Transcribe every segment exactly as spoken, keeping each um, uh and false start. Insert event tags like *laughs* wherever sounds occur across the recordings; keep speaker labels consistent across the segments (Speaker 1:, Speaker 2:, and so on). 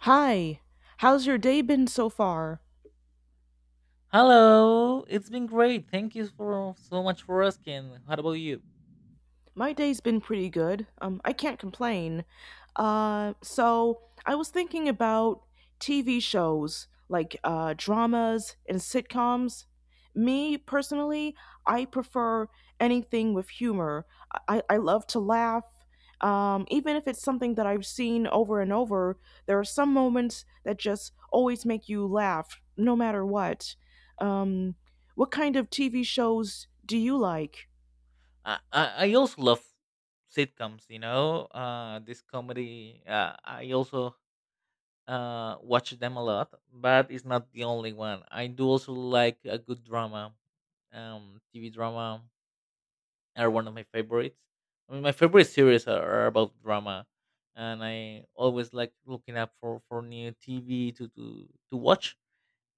Speaker 1: Hi, how's your day been so far?
Speaker 2: Hello, it's been great. Thank you for so much for asking. How about you?
Speaker 1: My day's been pretty good. Um, I can't complain. Uh, so I was thinking about T V shows like uh, dramas and sitcoms. Me personally, I prefer anything with humor. I, I love to laugh. Um, even if it's something that I've seen over and over, there are some moments that just always make you laugh, no matter what. Um, what kind of T V shows do you like?
Speaker 2: I I, I also love sitcoms. You know, uh, this comedy. Uh, I also uh watch them a lot, but it's not the only one. I do also like a good drama. Um, T V drama are one of my favorites. I mean, my favorite series are, are about drama, and I always like looking up for for new T V to to to watch.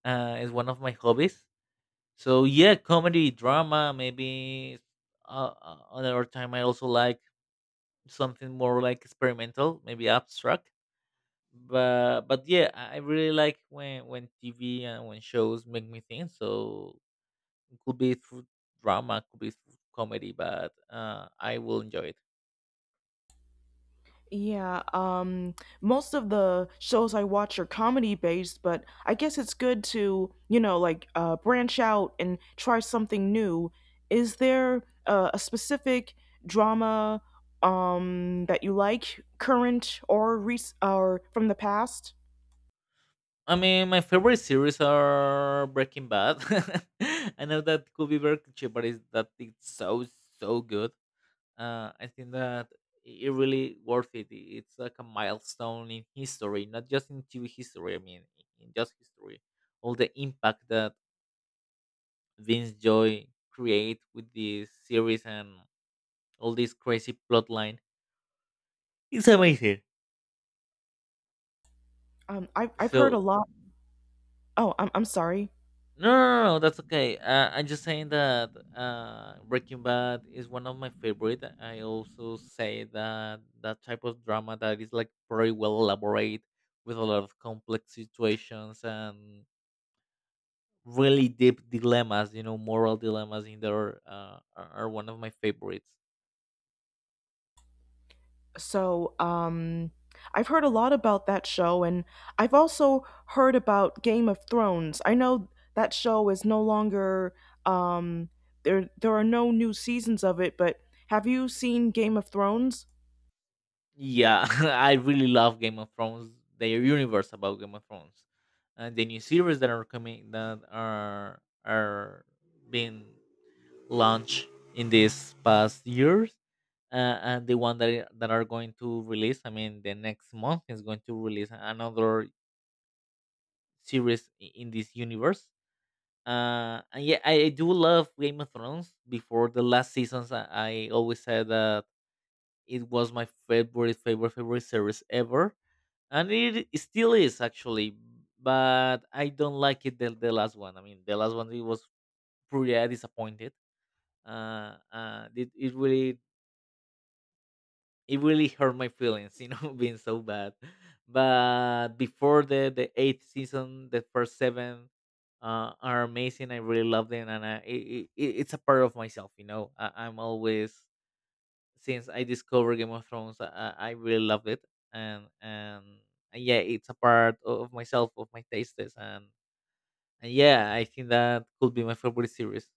Speaker 2: Uh, is one of my hobbies. So yeah, comedy, drama, maybe uh, uh, another time I also like something more like experimental, maybe abstract. But but yeah, I I really like when when T V and when shows make me think. So it could be through drama, could be through comedy, but uh, I will enjoy it.
Speaker 1: Yeah, um, most of the shows I watch are comedy based, but I guess it's good to, you know, like uh, branch out and try something new. Is there uh, a specific drama um, that you like, current or rec- or from the past?
Speaker 2: I mean, my favorite series are Breaking Bad. *laughs* I know that could be very cliché, but it's, that it's so so good. uh, I think that it really worth it. I- It's like a milestone in history, not just in T V history. I mean, i- in just history, all the impact that Vince Joy create with this series and all this crazy plot line, it's amazing.
Speaker 1: Um, I've I've heard a
Speaker 2: So.
Speaker 1: lot. Oh, I'm I'm sorry.
Speaker 2: No, no, no, no, that's okay. Uh, I'm just saying that uh, Breaking Bad is one of my favorite. I also say that that type of drama that is like very well elaborate with a lot of complex situations and really deep dilemmas. You know, moral dilemmas in there uh, are, are one of my favorites.
Speaker 1: So, um, I've heard a lot about that show, and I've also heard about Game of Thrones. I know that show is no longer um, there. There are no new seasons of it, but have you seen Game of Thrones?
Speaker 2: Yeah, *laughs* I really love Game of Thrones. Their universe about Game of Thrones and the new series that are coming that are are being launch in these past years, uh, and the one that i- that are going to release, I mean, the next month is going to release another series i- in this universe. Uh and yeah, i, I do love Game of Thrones before the last seasons. i, I always said that it was my favorite favorite favorite series ever, and it still is actually, but I don't like it, the, the last one. I mean, the last one it was pretty uh, disappointed. uh, uh, it, it really it really hurt my feelings, you know, *laughs* being so bad. But before the the eighth season, the first seven uh, are amazing. I really love them, and I, it, it, it's a part of myself, you know. I, I'm always Since I discovered Game of Thrones, I, I I really love it, and and and yeah, it's a part of myself, of my tastes, and, and yeah, I think that could be my favorite series.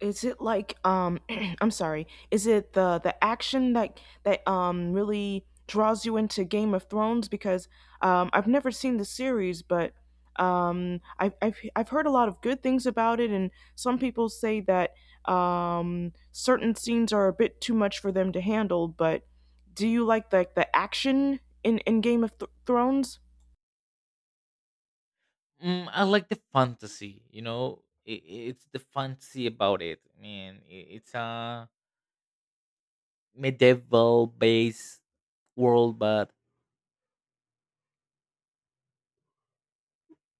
Speaker 1: Is it like um *clears throat* I'm sorry, is it the the action that that um really draws you into Game of Thrones because um I've never seen the series but um I've I've I've heard a lot of good things about it, and some people say that um certain scenes are a bit too much for them to handle, but do you like like the action in in Game of Th- Thrones?
Speaker 2: Mm, I like the fantasy, you know. It, it's the fantasy about it. I mean, i- it's a medieval based world, but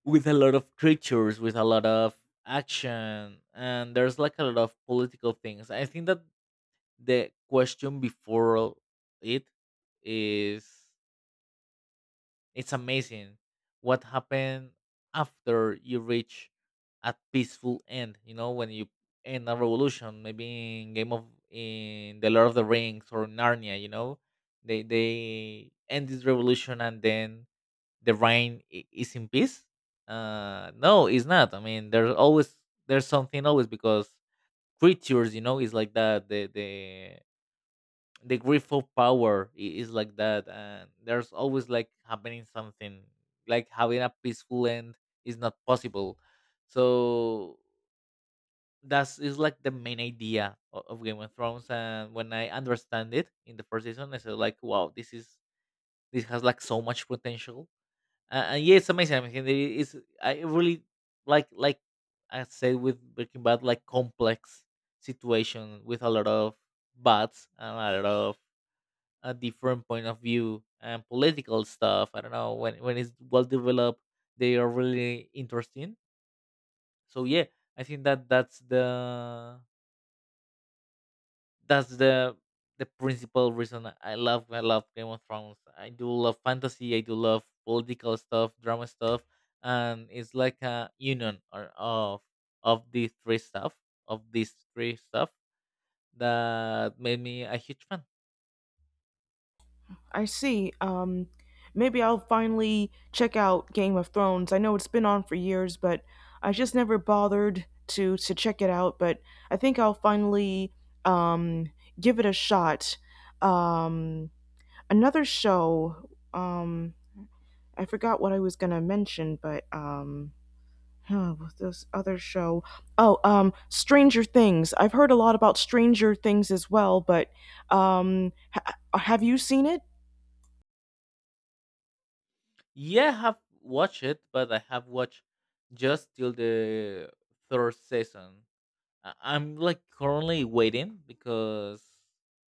Speaker 2: with a lot of creatures, with a lot of action, and there's like a lot of political things. I think that the question before it is, it's amazing what happened after you reach a peaceful end. You know, when you end a revolution, maybe in game of in the Lord of the Rings or Narnia, you know, they they end this revolution, and then the rain i- is in peace. Uh no, it's not. I mean, there's always, there's something always, because creatures, you know, is like that. The the the grief of power i- is like that, and there's always like happening something. Like having a peaceful end is not possible. So that's is like the main idea of, of Game of Thrones. And when I understand it in the first season, I said like, wow, this is this has like so much potential. Uh, uh, yeah, it's amazing. I mean, it is. I really like like I said with Breaking Bad, like complex situation with a lot of buts and a lot of a different point of view and political stuff. I don't know, when when it's well developed, they are really interesting. So yeah, I think that that's the that's the the principal reason I love I love Game of Thrones. I do love fantasy. I do love political stuff, drama stuff, and it's like a union or of of these three stuff of these three stuff that made me a huge fan.
Speaker 1: I see. Um, maybe I'll finally check out Game of Thrones. I know it's been on for years, but I just never bothered to to check it out. But I think I'll finally um, give it a shot. Um, another show. Um, I forgot what I was gonna mention, but um, huh, what's this other show. Oh, um, Stranger Things. I've heard a lot about Stranger Things as well, but um, ha- have you seen it?
Speaker 2: Yeah, I have watched it, but I have watched just till the third season. I- I'm like currently waiting because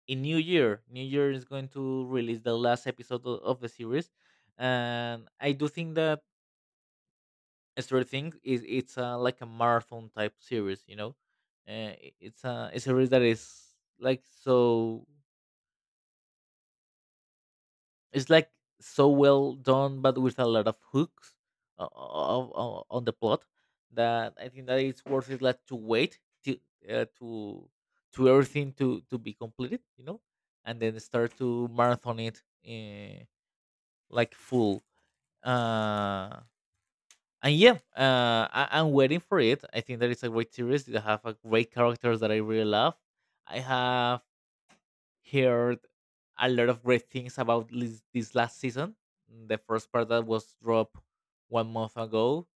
Speaker 2: in New Year, New Year is going to release the last episode o- of the series. And I do think that Stranger Things is it's a, like a marathon type series. You know, uh, i- it's a, a series that is like so. It's like so well done, but with a lot of hooks uh, of, of, on the plot that I think that it's worth it. Like to wait to uh, to to everything to to be completed, you know, and then start to marathon it, uh, like full. Uh, and yeah, uh, I, I'm waiting for it. I think that it's a great series. They have a great characters that I really love. I have heard a lot of great things about this, this last season. The first part that was dropped one month ago.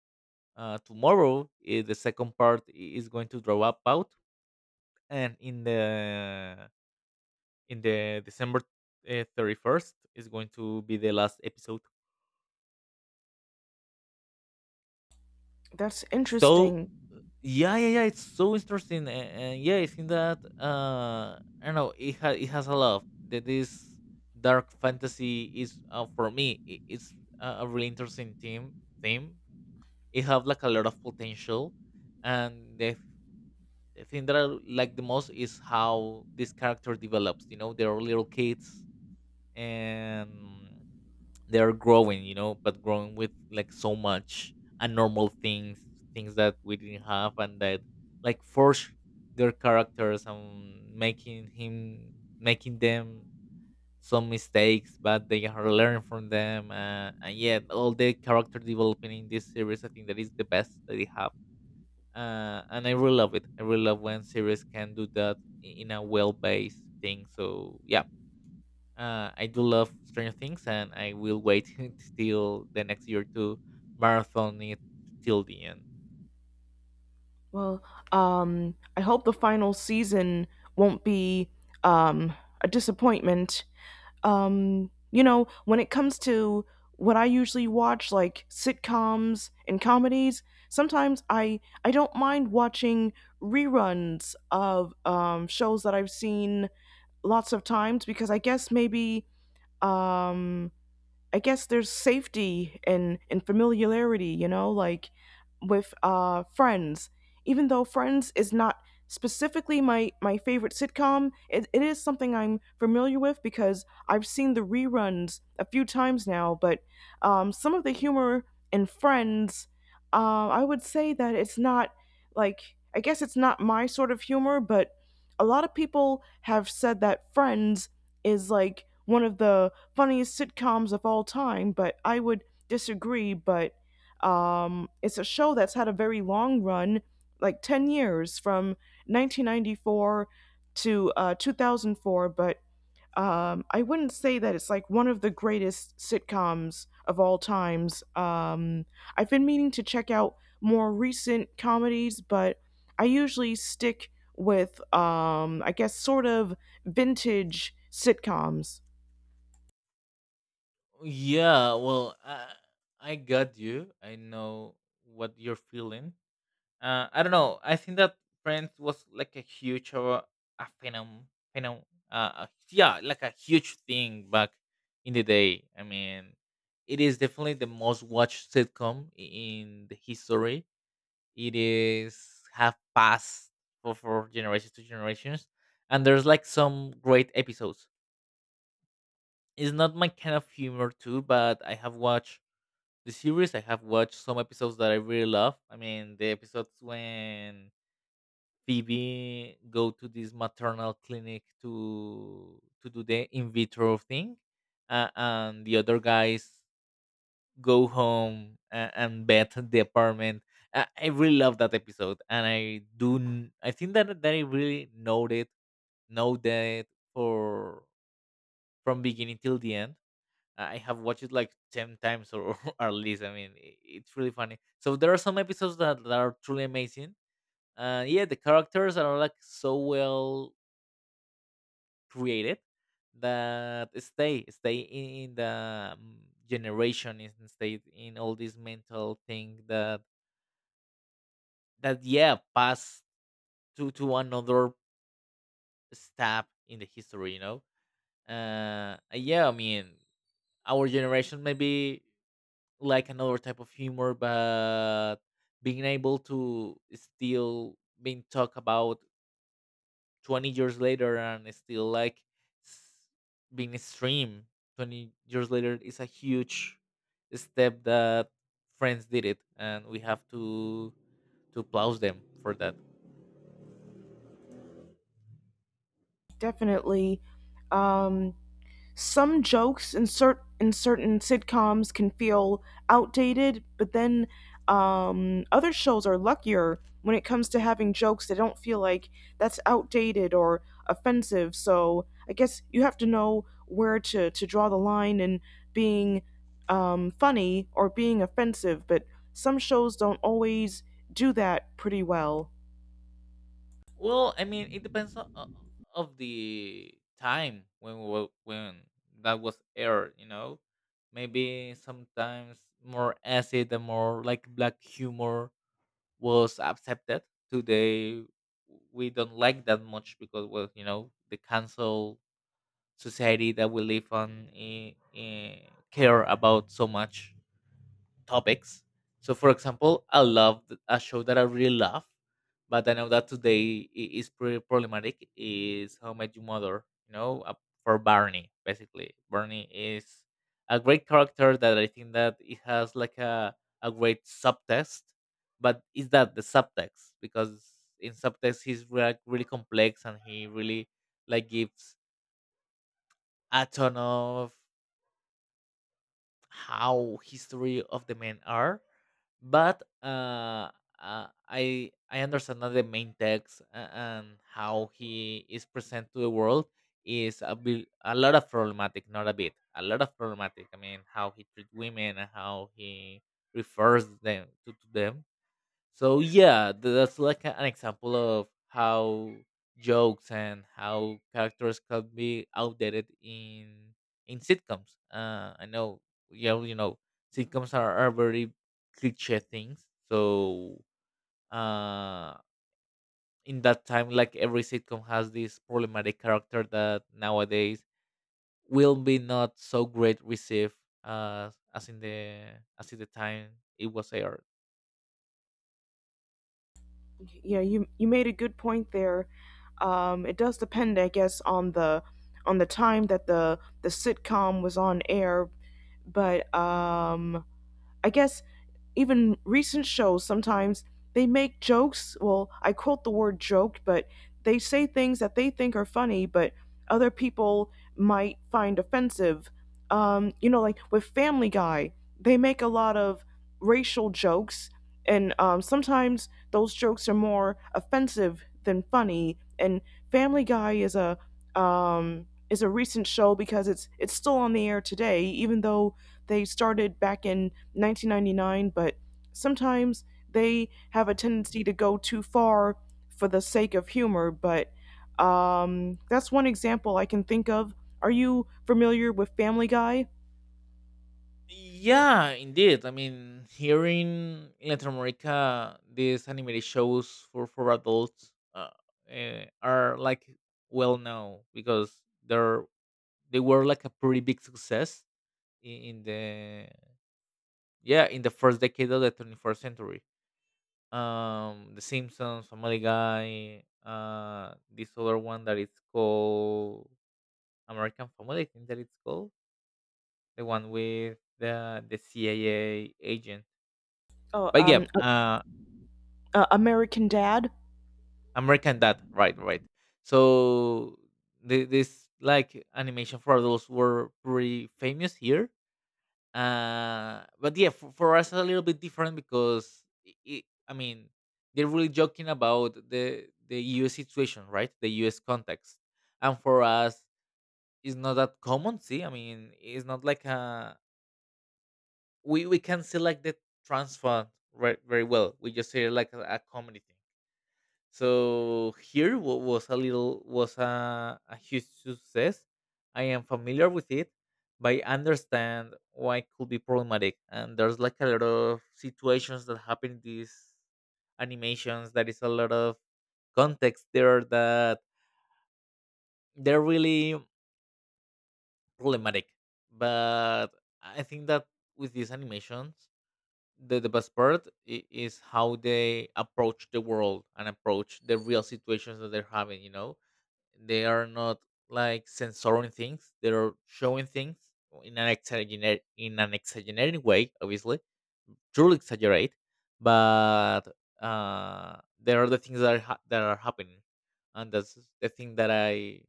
Speaker 2: Uh, tomorrow, eh, the second part i- is going to drop up out, and in the in the December thirty-first is going to be the last episode.
Speaker 1: That's
Speaker 2: So.
Speaker 1: interesting.
Speaker 2: Yeah, yeah, yeah. It's so interesting, and, and yeah, I think that uh, I don't know. It has it has a lot of That this dark fantasy is, uh, for me. It, it's a a really interesting theme. Theme. It have like a lot of potential, and the, f- the thing that I like the most is how this character develops. You know, they're little kids, and they are growing, you know, but growing with like so much abnormal things, things that we didn't have, and that like forge their characters, and making him making them some mistakes, but they are learning from them. Uh, and yeah, all the character development in this series, I think, that is the best that they have. Uh, and I really love it. I really love when series can do that i- in a well-based thing. So yeah, uh, I do love Stranger Things, and I will wait *laughs* till the next year to marathon it till the end.
Speaker 1: Well, um, I hope the final season won't be um, a disappointment. Um, you know, when it comes to what I usually watch, like sitcoms and comedies, sometimes I I don't mind watching reruns of um, shows that I've seen lots of times because I guess maybe um, I guess there's safety and and familiarity, you know, like with uh Friends. Even though Friends is not specifically my my favorite sitcom, it, it is something I'm familiar with because I've seen the reruns a few times now, but um some of the humor in Friends, uh, I would say that it's not like I guess it's not my sort of humor, but a lot of people have said that Friends is like one of the funniest sitcoms of all time, but I would disagree. But um, it's a show that's had a very long run, like ten years from nineteen ninety-four to uh, two thousand four. But um, I wouldn't say that it's like one of the greatest sitcoms of all times. Um, I've been meaning to check out more recent comedies, but I usually stick with, um, I guess, sort of vintage sitcoms.
Speaker 2: Yeah, well, uh, I got you. I know what you're feeling. Uh, I don't know. I think that Friends was like a huge or a phenom, phenom, uh, a- yeah, like a huge thing back in the day. I mean, it is definitely the most watched sitcom in the history. It is have passed for, for generations to generations. And there's like some great episodes. It's not my kind of humor too, but I have watched the series. I have watched some episodes that I really love. I mean, the episodes when Phoebe go to this maternal clinic to to do the in vitro thing, uh, and the other guys go home and, and bet the apartment. I, I really love that episode, and I do. n- I think that that I really know it, know that for from beginning till the end. I have watched it like ten times or, *laughs* or at least. I mean, i- it's really funny. So there are some episodes that, that are truly amazing. Uh, yeah, the characters are like so well created that stay stay in the um, generation, and stay in all this mental thing that that yeah pass to to another step in the history, you know. Uh yeah, I mean, our generation maybe like another type of humor, but being able to still being talked about twenty years later, and it's still like s- being streamed twenty years later is a huge step that Friends did it, and we have to to applaud them for that.
Speaker 1: Definitely. Um, some jokes in, cert in certain sitcoms can feel outdated, but then um, other shows are luckier when it comes to having jokes that don't feel like that's outdated or offensive. So I guess you have to know where to, to draw the line in being um, funny or being offensive, but some shows don't always do that pretty well.
Speaker 2: Well, I mean, it depends on, o- of the time when we wa- when that was aired. You know, maybe sometimes more acid and more like black humor was accepted. Today, we don't like that much because, well, you know, the cancel society that we live on, eh, eh, care about so much topics. So, for example, I love th- a show that I really love, but I know that today i- is pretty problematic. Is How I Met Your Mother? You know, uh, for Barney, basically. Barney is a great character that I think that it has like a a great subtext, but is that the subtext? Because in subtext he's like really complex and he really like gives a ton of how history of the men are but uh, uh, i i understand that the main text a- and how he is present to the world is a, bit, a lot of problematic, not a bit a lot of problematic. I mean, how he treats women and how he refers them to, to them. So yeah, th- that's like a- an example of how jokes and how characters can be outdated in in sitcoms. Uh, I know, yeah, you know, sitcoms are, are very cliche things. So uh, in that time, like every sitcom has this problematic character that nowadays will be not so great received, uh, as in the as in the time it was aired.
Speaker 1: Yeah, you you made a good point there. Um, it does depend, I guess, on the on the time that the the sitcom was on air, but um, I guess even recent shows sometimes they make jokes. Well, I quote the word joke, but they say things that they think are funny, but other people might find offensive. Um, you know, like with Family Guy, they make a lot of racial jokes, and um, sometimes those jokes are more offensive than funny. And Family Guy is a um, is a recent show because it's it's still on the air today, even though they started back in nineteen ninety-nine. But sometimes they have a tendency to go too far for the sake of humor. But um, that's one example I can think of. Are you familiar with Family Guy?
Speaker 2: Yeah, indeed. I mean, here in Latin America, these animated shows for for adults uh, eh, are like well known because they're they were like a pretty big success in, in the yeah in the first decade of the twenty first century. Um, The Simpsons, Family Guy, uh, this other one that it's called American Family, I think that it's called, the one with the the C I A,
Speaker 1: Oh,
Speaker 2: but yeah,
Speaker 1: um,
Speaker 2: uh,
Speaker 1: uh, American Dad.
Speaker 2: American Dad, right, right. So the, this like animation for adults were pretty famous here. Uh, but yeah, for, for us a little bit different because i i I mean they're really joking about the the U S situation, right? The U S context, and for us it's not that common. See, I mean it's not like a we we can see like the transfer right very well. We just see it like a, a comedy thing. So here wa- was a little was a, a huge success. I am familiar with it, but I understand why it could be problematic. And there's like a lot of situations that happen in these animations. There is a lot of context there that they're really problematic. But I think that with these animations, the, the best part i- is how they approach the world and approach the real situations that they're having, you know? They are not like censoring things. They are showing things in an exaggerate in an exaggerated way, obviously. Truly exaggerate, but uh, there are the things that are ha- that are happening, and that's the thing that I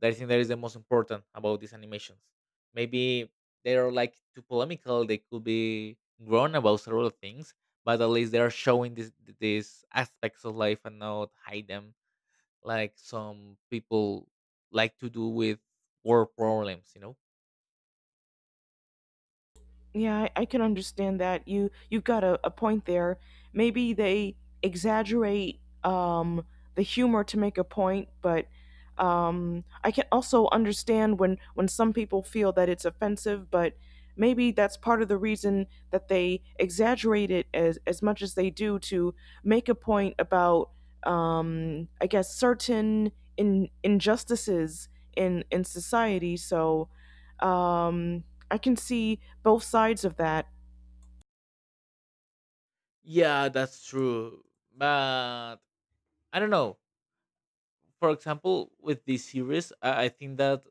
Speaker 2: that I think that is the most important about these animations. Maybe they are like too polemical. They could be grown about several things, but at least they are showing these these aspects of life and not hide them like some people like to do with work problems, you know?
Speaker 1: Yeah, I, I can understand that. You you've got a, a point there. Maybe they exaggerate um, the humor to make a point, but um, I can also understand when when some people feel that it's offensive, but maybe that's part of the reason that they exaggerate it as as much as they do to make a point about um, I guess certain in injustices in in society. So um I can see both sides of that.
Speaker 2: Yeah, that's true. But I don't know. For example, with this series, I, I think that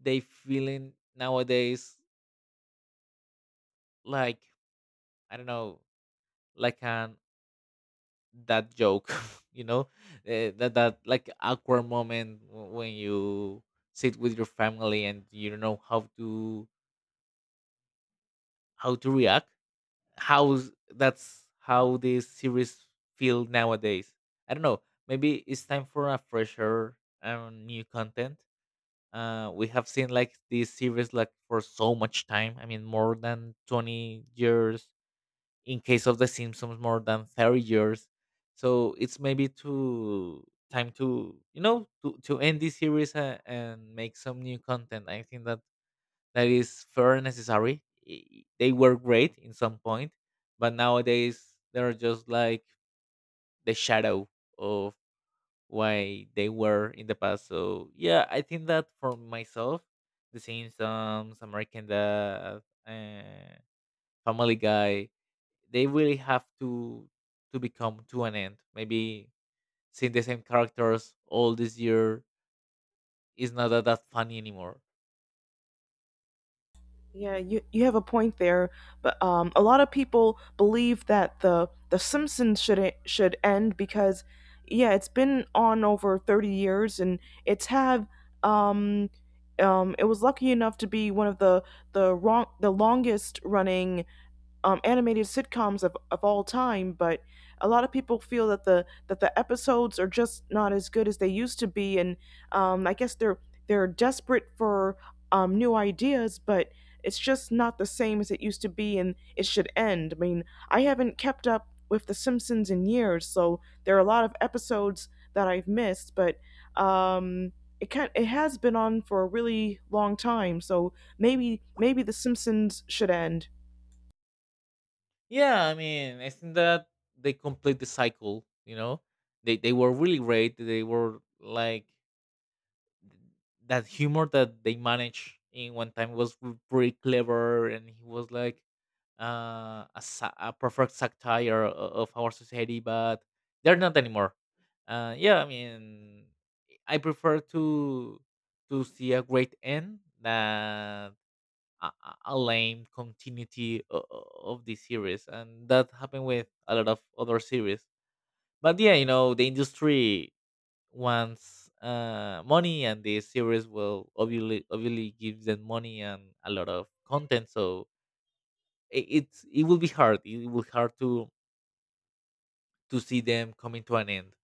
Speaker 2: they feeling nowadays like I don't know, like an that joke, *laughs* you know, Eh, that that like awkward moment w- when you sit with your family and you don't know how to how to react how that's how these series feel nowadays. I don't know. Maybe it's time for a fresher um, new content. Uh, we have seen like these series like for so much time. I mean, more than twenty years. In case of The Simpsons, more than thirty years. So it's maybe to time to you know to to end this series uh, and make some new content. I think that that is fair and necessary. I- They were great in some point, but nowadays they're just like the shadow of why they were in the past. So yeah, I think that for myself, The Simpsons, American Dad, uh, Family Guy, they really have to to become to an end. Maybe seeing the same characters all this year is not that, that funny anymore.
Speaker 1: Yeah, you you have a point there, but um, a lot of people believe that the the Simpsons should e- should end because, yeah, it's been on over thirty years, and it's had um, um, it was lucky enough to be one of the the wrong the longest running um, animated sitcoms of, of all time, but a lot of people feel that the that the episodes are just not as good as they used to be, and um, I guess they're they're desperate for um, new ideas, but it's just not the same as it used to be, and it should end. I mean, I haven't kept up with The Simpsons in years, so there are a lot of episodes that I've missed, but um, it can it has been on for a really long time, so maybe maybe The Simpsons should end.
Speaker 2: Yeah, I mean, I think that they complete the cycle. You know, they they were really great. They were like th- that humor that they managed in one time was r- pretty clever, and he was like uh, a, sa- a perfect satire o- of our society. But they're not anymore. Uh, yeah, I mean, I prefer to to see a great end than a, a a lame continuity o- o- of the series, and that happened with a lot of other series. But yeah, you know, the industry wants uh, money, and the series will obviously obviously give them money and a lot of content. So it, it's it will be hard, it will be hard to to see them coming to an end.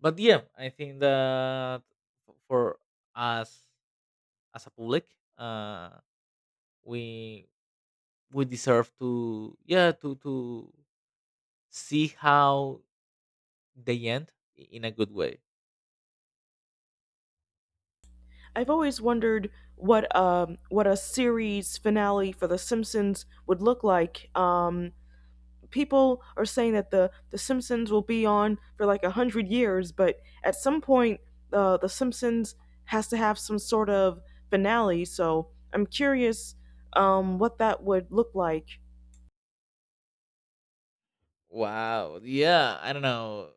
Speaker 2: But yeah, I think that f- for us as a public uh we we deserve to yeah to to see how they end i- in a good way.
Speaker 1: I've always wondered what um what a series finale for The Simpsons would look like. Um, people are saying that the the Simpsons will be on for like a hundred years, but at some point, uh, the Simpsons has to have some sort of finale. So I'm curious um, what that would look like.
Speaker 2: Wow. Yeah, I don't know.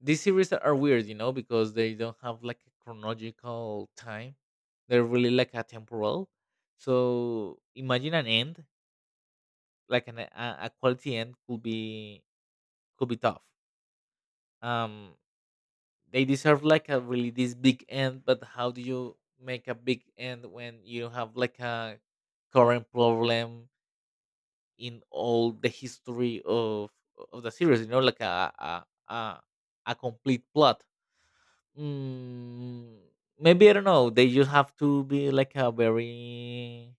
Speaker 2: These series are weird, you know, because they don't have like a chronological time. They're really like atemporal. So imagine an end, like an, a, a quality end could be could be tough. Um they deserve like a really this big end, but how do you make a big end when you have like a current problem in all the history of of the series? You know, like a a a, a complete plot. Mm, maybe I don't know. They just have to be like a very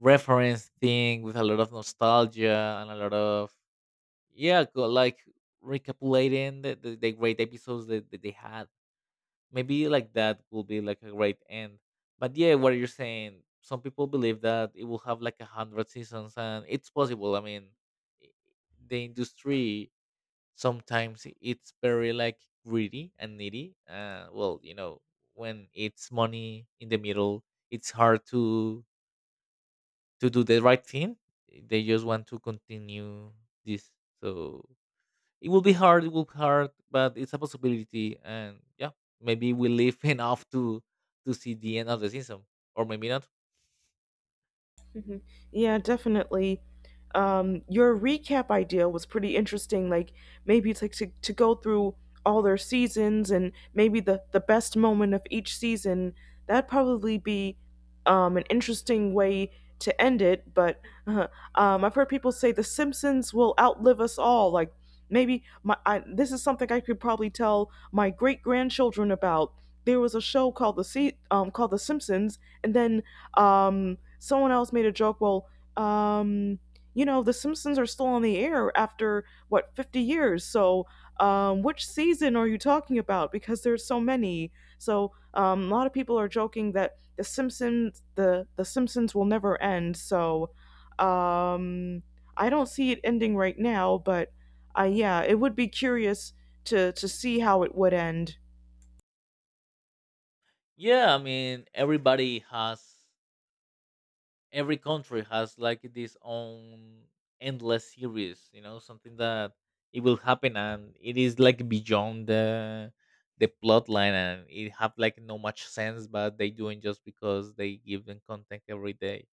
Speaker 2: reference thing with a lot of nostalgia and a lot of yeah, go- like recapitulating the, the, the great episodes that, that they had. Maybe like that will be like a great end. But yeah, what you're saying, some people believe that it will have like a hundred seasons, and it's possible. I mean, i- the industry sometimes it's very like greedy and needy. Uh, well, you know, when it's money in the middle, it's hard to to do the right thing. They just want to continue this. So it will be hard, it will be hard, but it's a possibility, and yeah, maybe we live *laughs* enough to to see the end of the season. Or maybe not.
Speaker 1: Mhm. Yeah, definitely. Um, your recap idea was pretty interesting. Like maybe it's like to, to go through all their seasons and maybe the, the best moment of each season. That'd probably be um, an interesting way to end it. But uh, um, I've heard people say The Simpsons will outlive us all. Like maybe my I, this is something I could probably tell my great grandchildren about. There was a show called the Se- um, called The Simpsons, and then um, someone else made a joke. Well, um, you know, The Simpsons are still on the air after what fifty years. So, um, which season are you talking about? Because there's so many. So, um, a lot of people are joking that The Simpsons, the The Simpsons will never end. So, um, I don't see it ending right now, but uh, yeah, it would be curious to to see how it would end.
Speaker 2: Yeah, I mean everybody has every country has like this own endless series, you know, something that it will happen and it is like beyond the the plot line and it have like no much sense but they doing just because they give them content every day.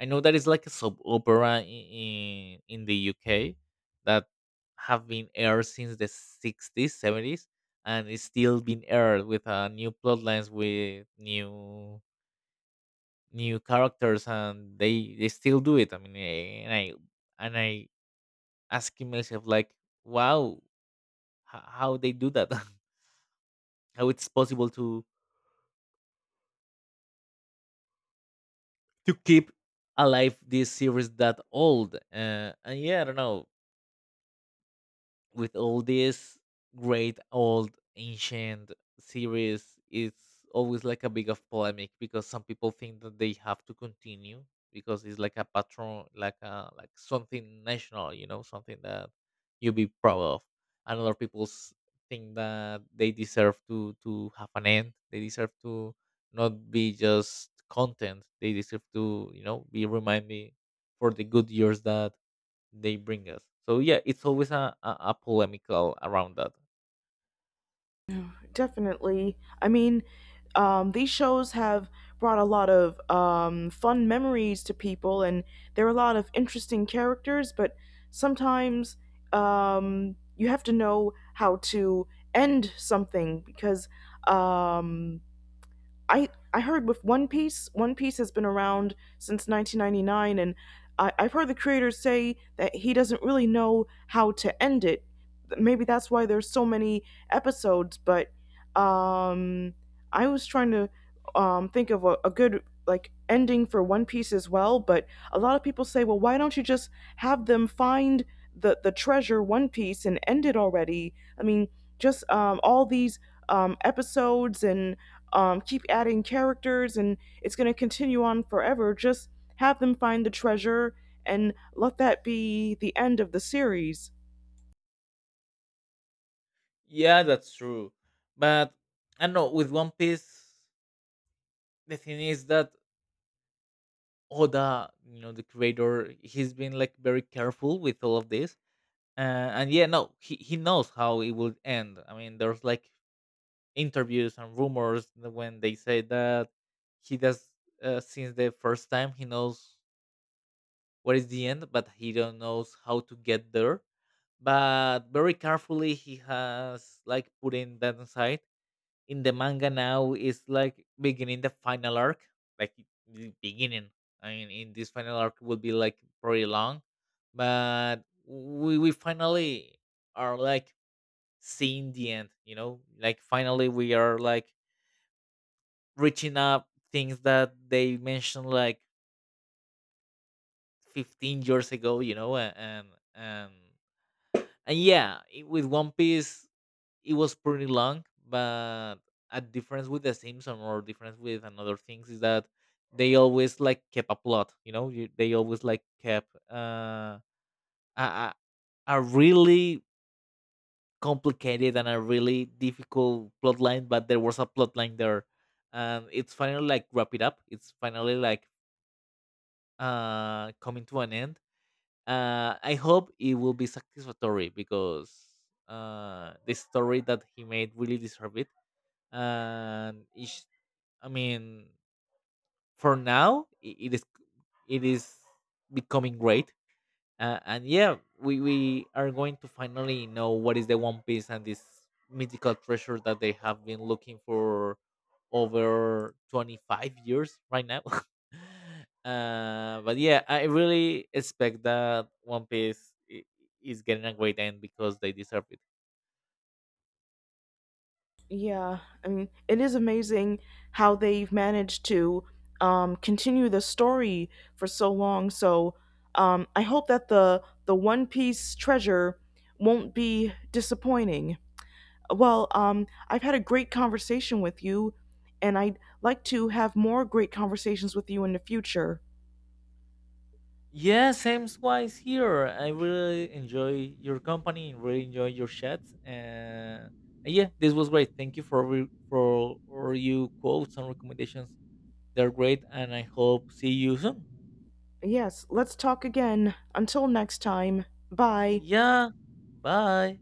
Speaker 2: I know that it's like a soap opera in, in the U K that have been aired since the sixties, seventies, and it's still being aired with uh, new plot lines, with new new characters, and they they still do it. I mean, eh, and I and I asking myself like, wow, h- how they do that? *laughs* How it's possible to to keep alive this series that old? Uh, and yeah, I don't know. With all these great old ancient series it's always like a big of polemic because some people think that they have to continue because it's like a patron like a like something national you know something that you be proud of, and other people s- think that they deserve to to have an end, they deserve to not be just content, they deserve to you know be reminded for the good years that they bring us. So yeah, it's always a, a, a polemical around that.
Speaker 1: Definitely. I mean, um, these shows have brought a lot of um, fun memories to people, and there are a lot of interesting characters, but sometimes um, you have to know how to end something because um, I I heard with One Piece, One Piece has been around since nineteen ninety-nine, and I, I've heard the creator say that he doesn't really know how to end it. Maybe that's why there's so many episodes. But um, I was trying to um, think of a, a good like ending for One Piece as well. But a lot of people say, well, why don't you just have them find the the treasure One Piece and end it already? I mean, just um, all these um, episodes and um, keep adding characters, and it's going to continue on forever. Just have them find the treasure and let that be the end of the series.
Speaker 2: Yeah, that's true. But I don't know with One Piece, the thing is that Oda, you know, the creator, he's been like very careful with all of this. Uh, and yeah, no, he, he knows how it will end. I mean, there's like interviews and rumors that when they say that he does uh, since the first time he knows what is the end, but he don't knows how to get there, but very carefully he has like put in that aside. In the manga now is like beginning the final arc, like the beginning. I mean, in this final arc will be like pretty long, but we we finally are like seeing the end. You know, like finally we are like reaching up things that they mentioned like fifteen years ago. You know, a- and and and yeah, it- with One Piece it was pretty long, but a difference with The Simpsons or difference with another things is that they always like kept a plot. You know, you, they always like kept uh, a, a a really complicated and a really difficult plot line, but there was a plot line there, and it's finally like wrap it up. It's finally like uh coming to an end. Uh, I hope it will be satisfactory because uh the story that he made really deserve it, and it's, I mean, for now, i- it is it is becoming great. Uh, and yeah, we, we are going to finally know what is the One Piece and this mythical treasure that they have been looking for over twenty-five years right now. *laughs* Uh, but yeah, I really expect that One Piece i- is getting a great end because they deserve it.
Speaker 1: Yeah, I mean, it is amazing how they've managed to um, continue the story for so long. So um, I hope that the the One Piece treasure won't be disappointing. Well, um, I've had a great conversation with you, and I'd like to have more great conversations with you in the future.
Speaker 2: Yeah, same wise here. I really enjoy your company and really enjoy your chats. And and yeah, this was great. Thank you for re- for all you quotes and recommendations. They're great, and I hope see you soon.
Speaker 1: Yes, let's talk again. Until next time, bye.
Speaker 2: Yeah, bye.